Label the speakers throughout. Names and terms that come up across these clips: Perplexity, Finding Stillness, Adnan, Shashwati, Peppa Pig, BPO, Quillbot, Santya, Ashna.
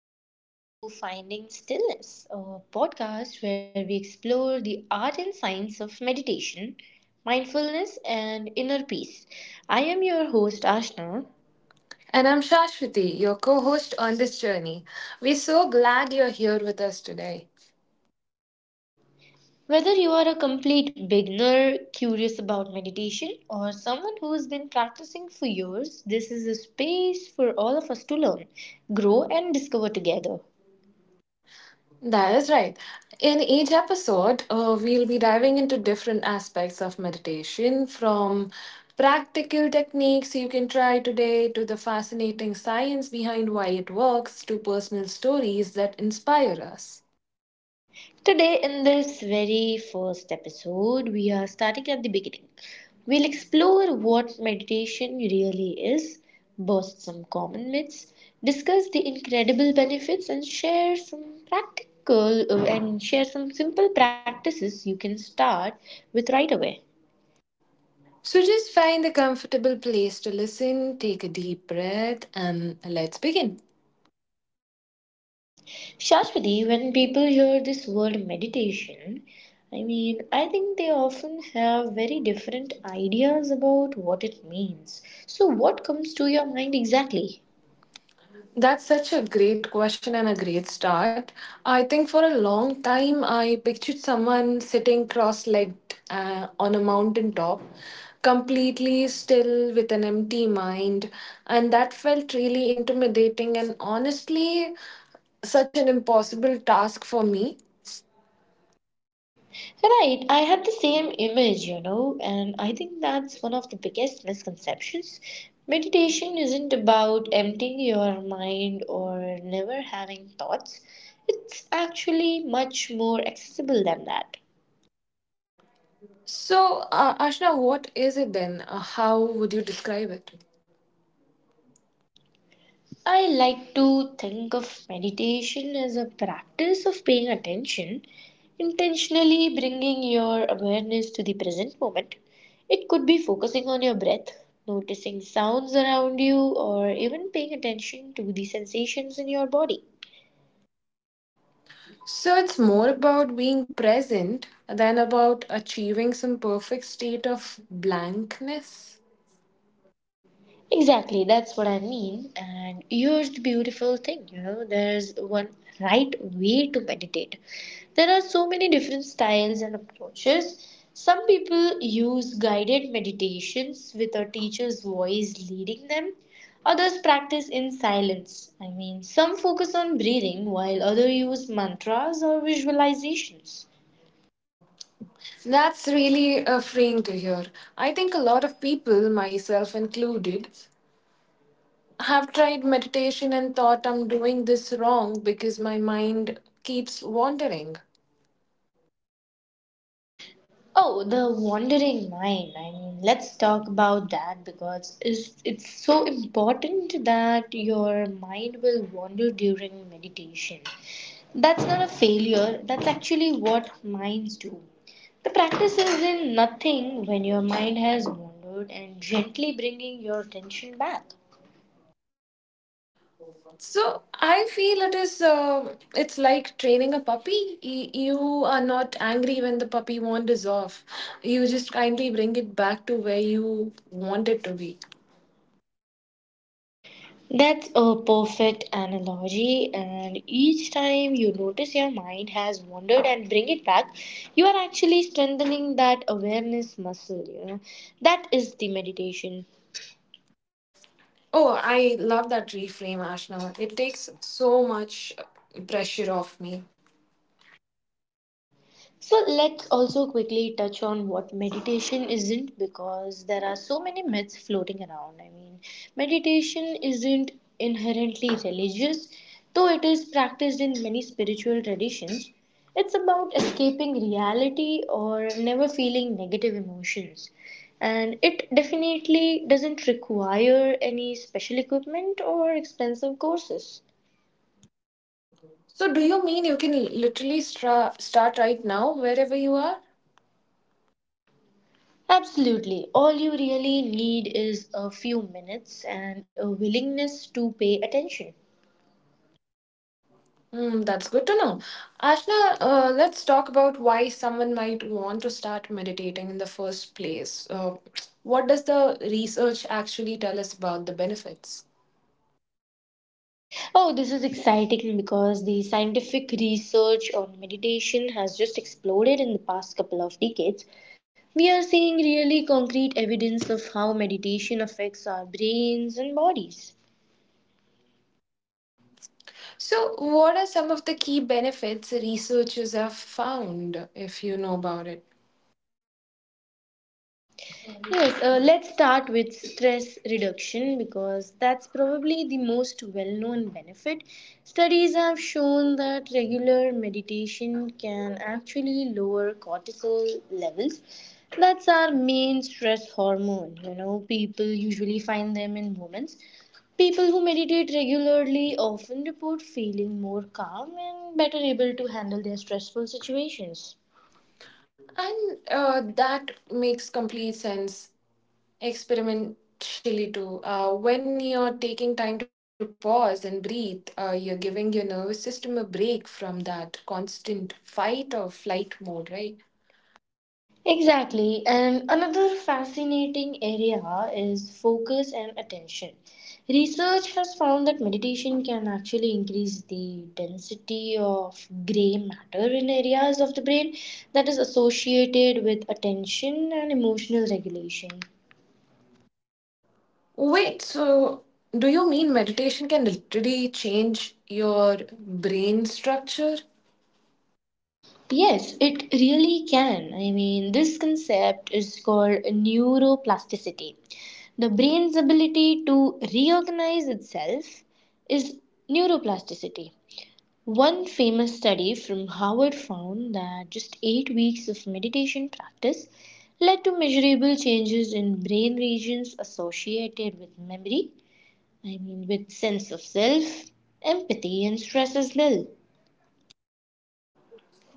Speaker 1: and welcome to Finding Stillness, a podcast where we explore the art and science of meditation, mindfulness, and inner peace. I am your host, Ashna.
Speaker 2: And I'm Shashwati, your co host on this journey. We're so glad you're here with us today.
Speaker 1: Whether you are a complete beginner, curious about meditation, or someone who has been practicing for years, this is a space for all of us to learn, grow, and discover together.
Speaker 2: That is right. In each episode, we'll be diving into different aspects of meditation from practical techniques you can try today to the fascinating science behind why it works to personal stories that inspire us.
Speaker 1: Today, in this very first episode, we are starting at the beginning. We'll explore what meditation really is, burst some common myths, discuss the incredible benefits, and share some simple practices you can start with right away.
Speaker 2: So just find a comfortable place to listen, take a deep breath, and let's begin.
Speaker 1: Shashwati, when people hear this word meditation, I mean, I think they often have very different ideas about what it means. So, what comes to your mind exactly?
Speaker 2: That's such a great question and a great start. I think for a long time, I pictured someone sitting cross legged on a mountain top, completely still with an empty mind. And that felt really intimidating and honestly, such an impossible task for me.
Speaker 1: Right, I had the same image, and I think that's one of the biggest misconceptions. Meditation isn't about emptying your mind or never having thoughts, it's actually much more accessible than that.
Speaker 2: So, Ashna, what is it then? How would you describe it?
Speaker 1: I like to think of meditation as a practice of paying attention, intentionally bringing your awareness to the present moment. It could be focusing on your breath, noticing sounds around you, or even paying attention to the sensations in your body.
Speaker 2: So it's more about being present than about achieving some perfect state of blankness.
Speaker 1: Exactly, that's what I mean. And here's the beautiful thing, there's one right way to meditate. There are so many different styles and approaches. Some people use guided meditations with a teacher's voice leading them, others practice in silence. I mean, some focus on breathing, while others use mantras or visualizations.
Speaker 2: That's really freeing to hear. I think a lot of people, myself included, have tried meditation and thought I'm doing this wrong because my mind keeps wandering.
Speaker 1: Oh, the wandering mind. I mean, let's talk about that because it's so important that your mind will wander during meditation. That's not a failure, that's actually what minds do. The practice is in nothing when your mind has wandered and gently bringing your attention back.
Speaker 2: So I feel it is it's like training a puppy. You are not angry when the puppy wanders off. You just kindly bring it back to where you want it to be.
Speaker 1: That's a perfect analogy, and each time you notice your mind has wandered and bring it back, you are actually strengthening that awareness muscle. That is the meditation.
Speaker 2: Oh, I love that reframe, Ashna. It takes so much pressure off me.
Speaker 1: So let's also quickly touch on what meditation isn't because there are so many myths floating around. I mean, meditation isn't inherently religious, though it is practiced in many spiritual traditions. It's about escaping reality or never feeling negative emotions. And it definitely doesn't require any special equipment or expensive courses.
Speaker 2: So do you mean you can literally start right now wherever you are?
Speaker 1: Absolutely. All you really need is a few minutes and a willingness to pay attention.
Speaker 2: Mm, that's good to know. Ashna, let's talk about why someone might want to start meditating in the first place. What does the research actually tell us about the benefits?
Speaker 1: Oh, this is exciting because the scientific research on meditation has just exploded in the past couple of decades. We are seeing really concrete evidence of how meditation affects our brains and bodies.
Speaker 2: So, what are some of the key benefits researchers have found, if you know about it?
Speaker 1: Yes, let's start with stress reduction because that's probably the most well known benefit. Studies have shown that regular meditation can actually lower cortisol levels. That's our main stress hormone. People usually find them in moments. People who meditate regularly often report feeling more calm and better able to handle their stressful situations.
Speaker 2: And that makes complete sense experimentally too. When you're taking time to pause and breathe, you're giving your nervous system a break from that constant fight or flight mode, right?
Speaker 1: Exactly. And another fascinating area is focus and attention. Research has found that meditation can actually increase the density of gray matter in areas of the brain that is associated with attention and emotional regulation.
Speaker 2: Wait, so do you mean meditation can literally change your brain structure?
Speaker 1: Yes, it really can. I mean, this concept is called neuroplasticity. The brain's ability to reorganize itself is neuroplasticity. One famous study from Harvard found that just 8 weeks of meditation practice led to measurable changes in brain regions associated with memory, I mean, with sense of self, empathy, and stress as well.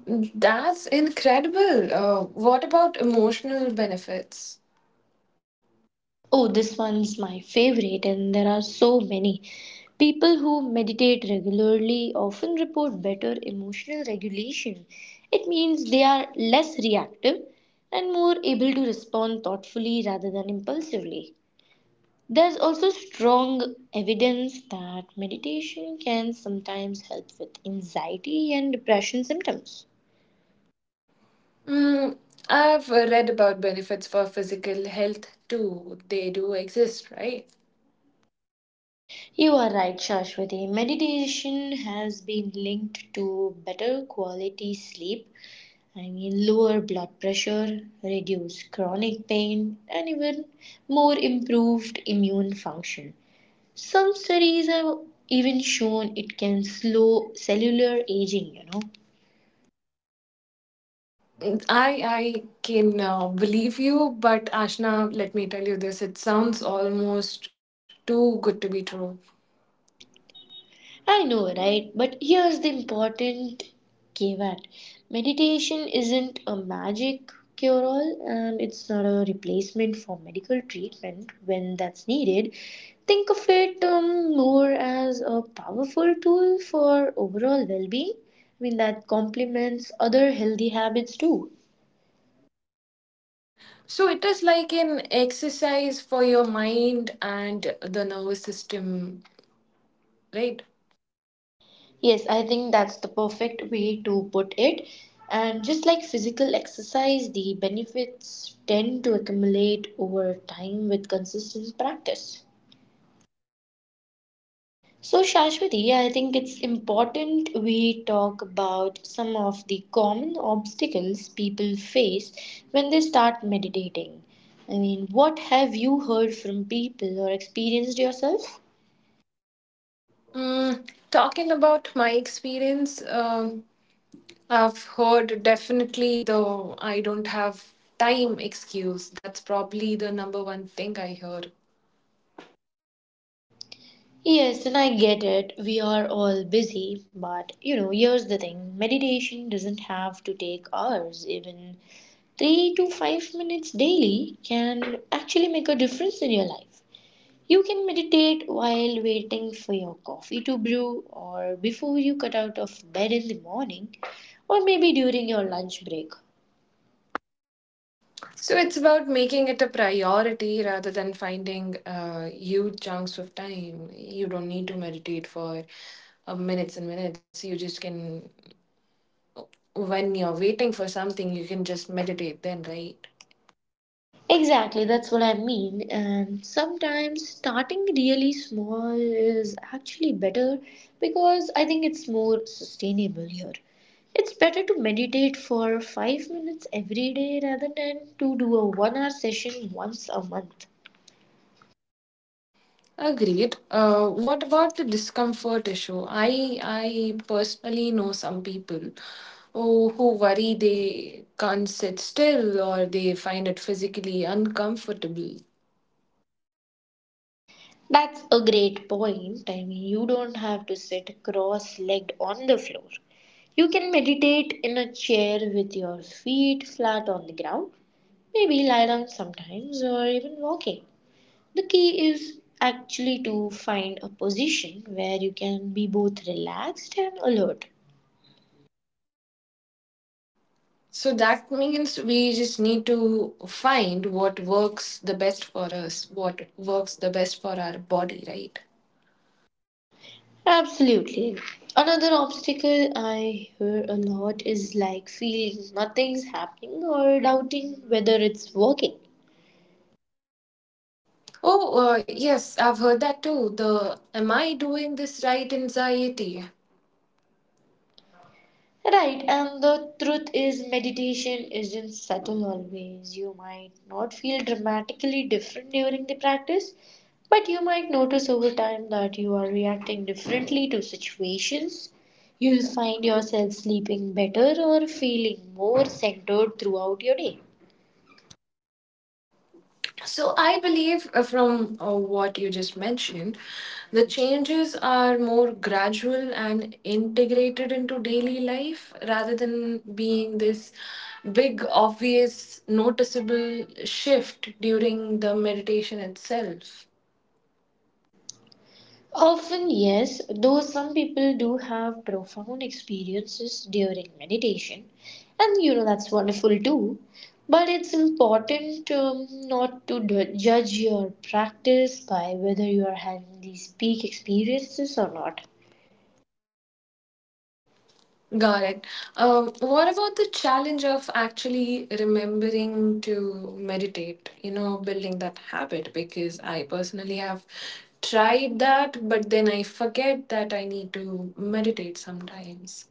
Speaker 2: That's incredible. What about emotional benefits?
Speaker 1: Oh, this one's my favorite, and there are so many. People who meditate regularly often report better emotional regulation. It means they are less reactive and more able to respond thoughtfully rather than impulsively. There's also strong evidence that meditation can sometimes help with anxiety and depression symptoms.
Speaker 2: Mm, I've read about benefits for physical health too. They do exist, right?
Speaker 1: You are right, Shashwati. Meditation has been linked to better quality sleep, I mean, lower blood pressure, reduced chronic pain, and even more improved immune function. Some studies have even shown it can slow cellular aging.
Speaker 2: I I can believe you, but Ashna, let me tell you this: it sounds almost too good to be true.
Speaker 1: I know, right? But here's the important caveat: meditation isn't a magic cure all, and it's not a replacement for medical treatment when that's needed. Think of it more as a powerful tool for overall well being. I mean, that complements other healthy habits too.
Speaker 2: So it is like an exercise for your mind and the nervous system, right?
Speaker 1: Yes, I think that's the perfect way to put it. And just like physical exercise, the benefits tend to accumulate over time with consistent practice. So, Shashwati, I think it's important we talk about some of the common obstacles people face when they start meditating. I mean, what have you heard from people or experienced yourself?
Speaker 2: Mm, talking about my experience, I've heard definitely the I don't have time excuse. That's probably the number one thing I hear.
Speaker 1: Yes, and I get it. We are all busy, but here's the thing: meditation doesn't have to take hours. Even 3 to 5 minutes daily can actually make a difference in your life. You can meditate while waiting for your coffee to brew, or before you cut out of bed in the morning, or maybe during your lunch break.
Speaker 2: So it's about making it a priority rather than finding huge chunks of time. You don't need to meditate for minutes and minutes. You just can, when you're waiting for something, you can just meditate then, right?
Speaker 1: Exactly, that's what I mean. And sometimes starting really small is actually better because I think it's more sustainable here. It's better to meditate for 5 minutes every day rather than to do a 1 hour session once a month.
Speaker 2: Agreed. What about the discomfort issue? I personally know some people who worry they can't sit still or they find it physically uncomfortable.
Speaker 1: That's a great point. I mean, you don't have to sit cross legged on the floor. You can meditate in a chair with your feet flat on the ground, maybe lie down sometimes, or even walking. The key is actually to find a position where you can be both relaxed and alert.
Speaker 2: So that means we just need to find what works the best for us, what works the best for our body, right?
Speaker 1: Absolutely. Another obstacle I hear a lot is like feeling nothing's happening or doubting whether it's working.
Speaker 2: Oh, yes, I've heard that too. The am I doing this right anxiety?
Speaker 1: Right, and the truth is, meditation isn't subtle always. You might not feel dramatically different during the practice, but you might notice over time that you are reacting differently to situations. You'll find yourself sleeping better or feeling more centered throughout your day.
Speaker 2: So I believe from what you just mentioned, the changes are more gradual and integrated into daily life rather than being this big, obvious, noticeable shift during the meditation itself.
Speaker 1: Often, yes, though some people do have profound experiences during meditation, and that's wonderful too. But it's important, not to judge your practice by whether you are having these peak experiences or not.
Speaker 2: Got it. What about the challenge of actually remembering to meditate? You know, building that habit because I personally have tried that, but then I forget that I need to meditate sometimes.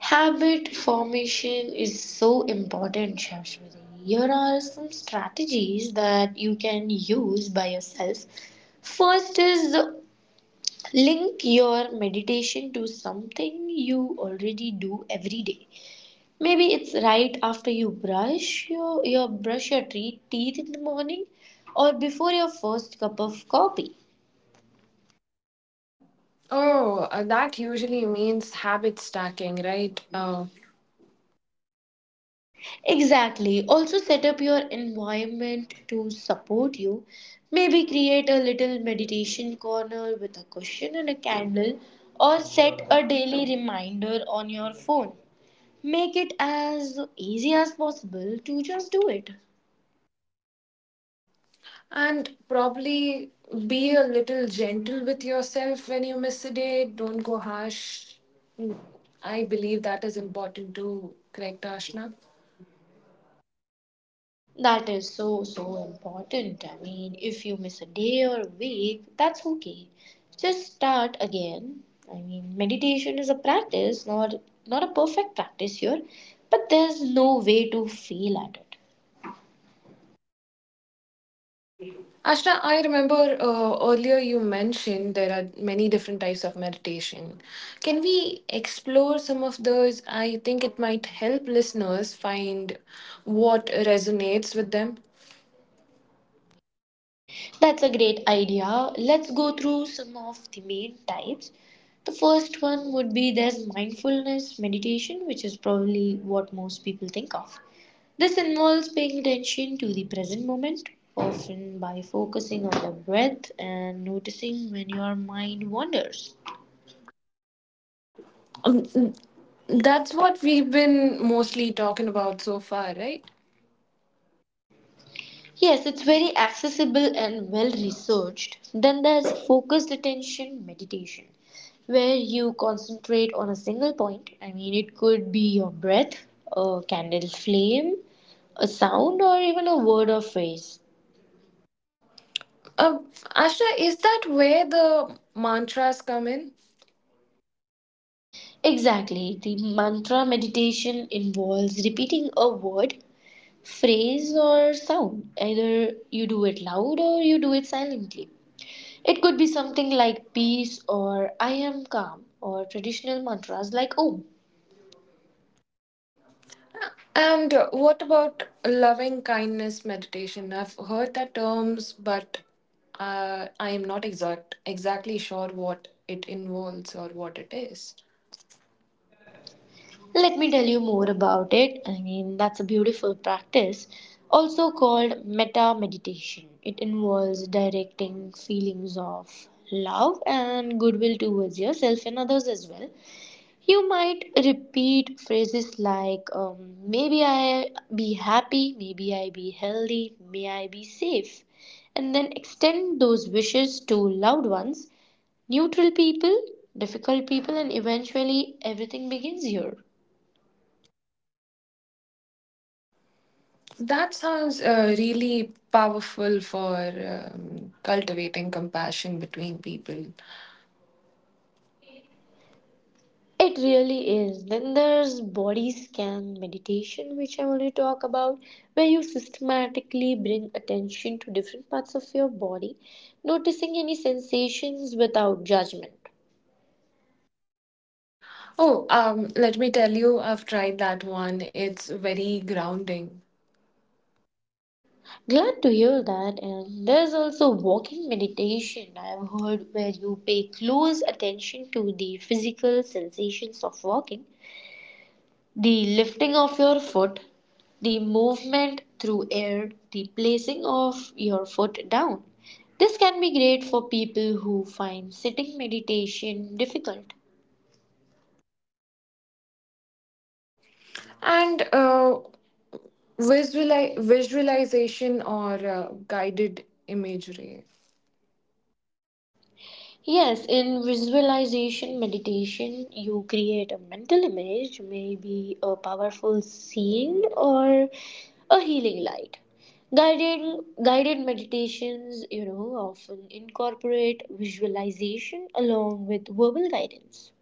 Speaker 1: Habit formation is so important, Shashwati. Here are some strategies that you can use by yourself. First is, link your meditation to something you already do every day. Maybe it's right after you brush your teeth in the morning, or before your first cup of coffee.
Speaker 2: Oh, that usually means habit stacking, right?
Speaker 1: Exactly. Also set up your environment to support you. Maybe create a little meditation corner with a cushion and a candle, or set a daily reminder on your phone. Make it as easy as possible to just do it.
Speaker 2: And probably be a little gentle with yourself when you miss a day. Don't go harsh. Mm, I believe that is important to correct Ashna.
Speaker 1: That is so, so important. I mean, if you miss a day or a week, that's okay. Just start again. I mean, meditation is a practice, not a perfect practice here, but there's no way to fail at it.
Speaker 2: Ashna, I remember earlier you mentioned there are many different types of meditation. Can we explore some of those? I think it might help listeners find what resonates with them.
Speaker 1: That's a great idea. Let's go through some of the main types. The first one would be, there's mindfulness meditation, which is probably what most people think of. This involves paying attention to the present moment, often by focusing on the breath and noticing when your mind wanders.
Speaker 2: Um, that's what we've been mostly talking about so far, right?
Speaker 1: Yes, it's very accessible and well researched. Then there's focused attention meditation, where you concentrate on a single point. I mean, it could be your breath, a candle flame, a sound, or even a word or phrase.
Speaker 2: Uh, Ashna, is that where the mantras come in?
Speaker 1: Exactly, the mantra meditation involves repeating a word, phrase, or sound. Either you do it loud or you do it silently. It could be something like peace, or I am calm, or traditional mantras like om.
Speaker 2: And what about loving kindness meditation? I've heard that terms, but I am not exactly sure what it involves or what it is.
Speaker 1: Let me tell you more about it. I mean, that's a beautiful practice, also called metta meditation. It involves directing feelings of love and goodwill towards yourself and others as well. You might repeat phrases like, maybe I be happy, maybe I be healthy, may I be safe, and then extend those wishes to loved ones, neutral people, difficult people, and eventually everything begins here.
Speaker 2: That sounds really powerful for cultivating compassion between people.
Speaker 1: It really is. Then there's body scan meditation, which I already talk about, where you systematically bring attention to different parts of your body, noticing any sensations without judgment.
Speaker 2: Oh, let me tell you, I've tried that one. It's very grounding.
Speaker 1: Glad to hear that. And there's also walking meditation, I've heard, where you pay close attention to the physical sensations of walking, the lifting of your foot, the movement through air, the placing of your foot down. This can be great for people who find sitting meditation difficult.
Speaker 2: And visualization or guided imagery.
Speaker 1: Yes, in visualization meditation, you create a mental image, maybe a powerful scene or a healing light. Guided meditations, often incorporate visualization along with verbal guidance.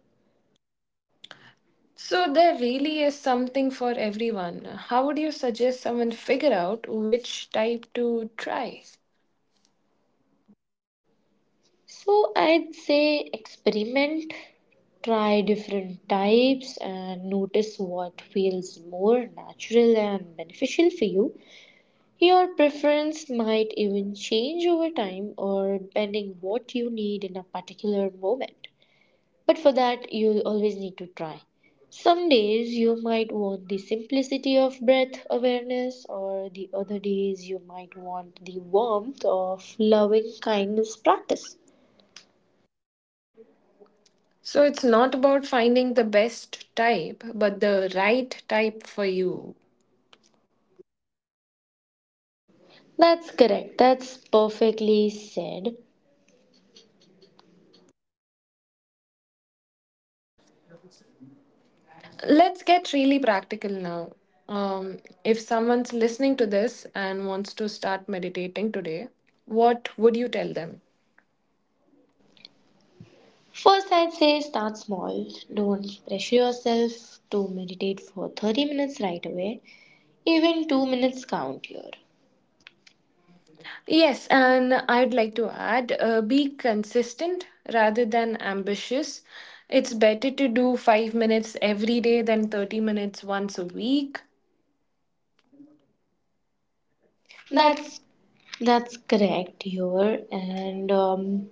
Speaker 2: So there really is something for everyone. How would you suggest someone figure out which type to try?
Speaker 1: So I'd say experiment, try different types, and notice what feels more natural and beneficial for you. Your preference might even change over time, or depending what you need in a particular moment. But for that, you'll always need to try. Some days you might want the simplicity of breath awareness, or the other days you might want the warmth of loving kindness practice.
Speaker 2: So it's not about finding the best type, but the right type for you.
Speaker 1: That's correct. That's perfectly said.
Speaker 2: Let's get really practical now. Um, if someone's listening to this and wants to start meditating today, what would you tell them?
Speaker 1: First, I'd say start small. Don't pressure yourself to meditate for 30 minutes right away. Even 2 minutes count here.
Speaker 2: Yes, and I'd like to add be consistent rather than ambitious. It's better to do 5 minutes every day than 30 minutes once a week. That's
Speaker 1: That's that's correct here. And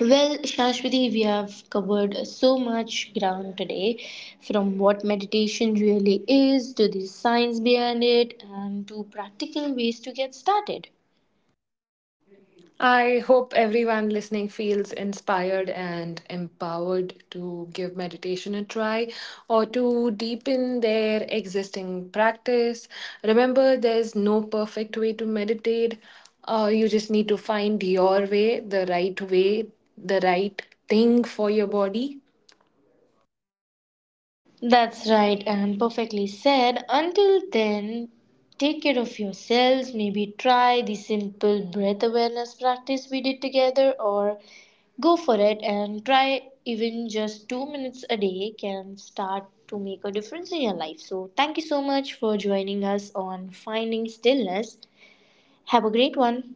Speaker 1: well, Shashwati, we have covered so much ground today, from what meditation really is, to the science behind it, and to practical ways to get started.
Speaker 2: I hope everyone listening feels inspired and empowered to give meditation a try or to deepen their existing practice. Remember, there's no perfect way to meditate. You just need to find your way, the right thing for your body.
Speaker 1: That's right, and perfectly said. Until then, take care of yourselves. Maybe try the simple breath awareness practice we did together, or go for it and try; even just 2 minutes a day can start to make a difference in your life. So, thank you so much for joining us on Finding Stillness. Have a great one.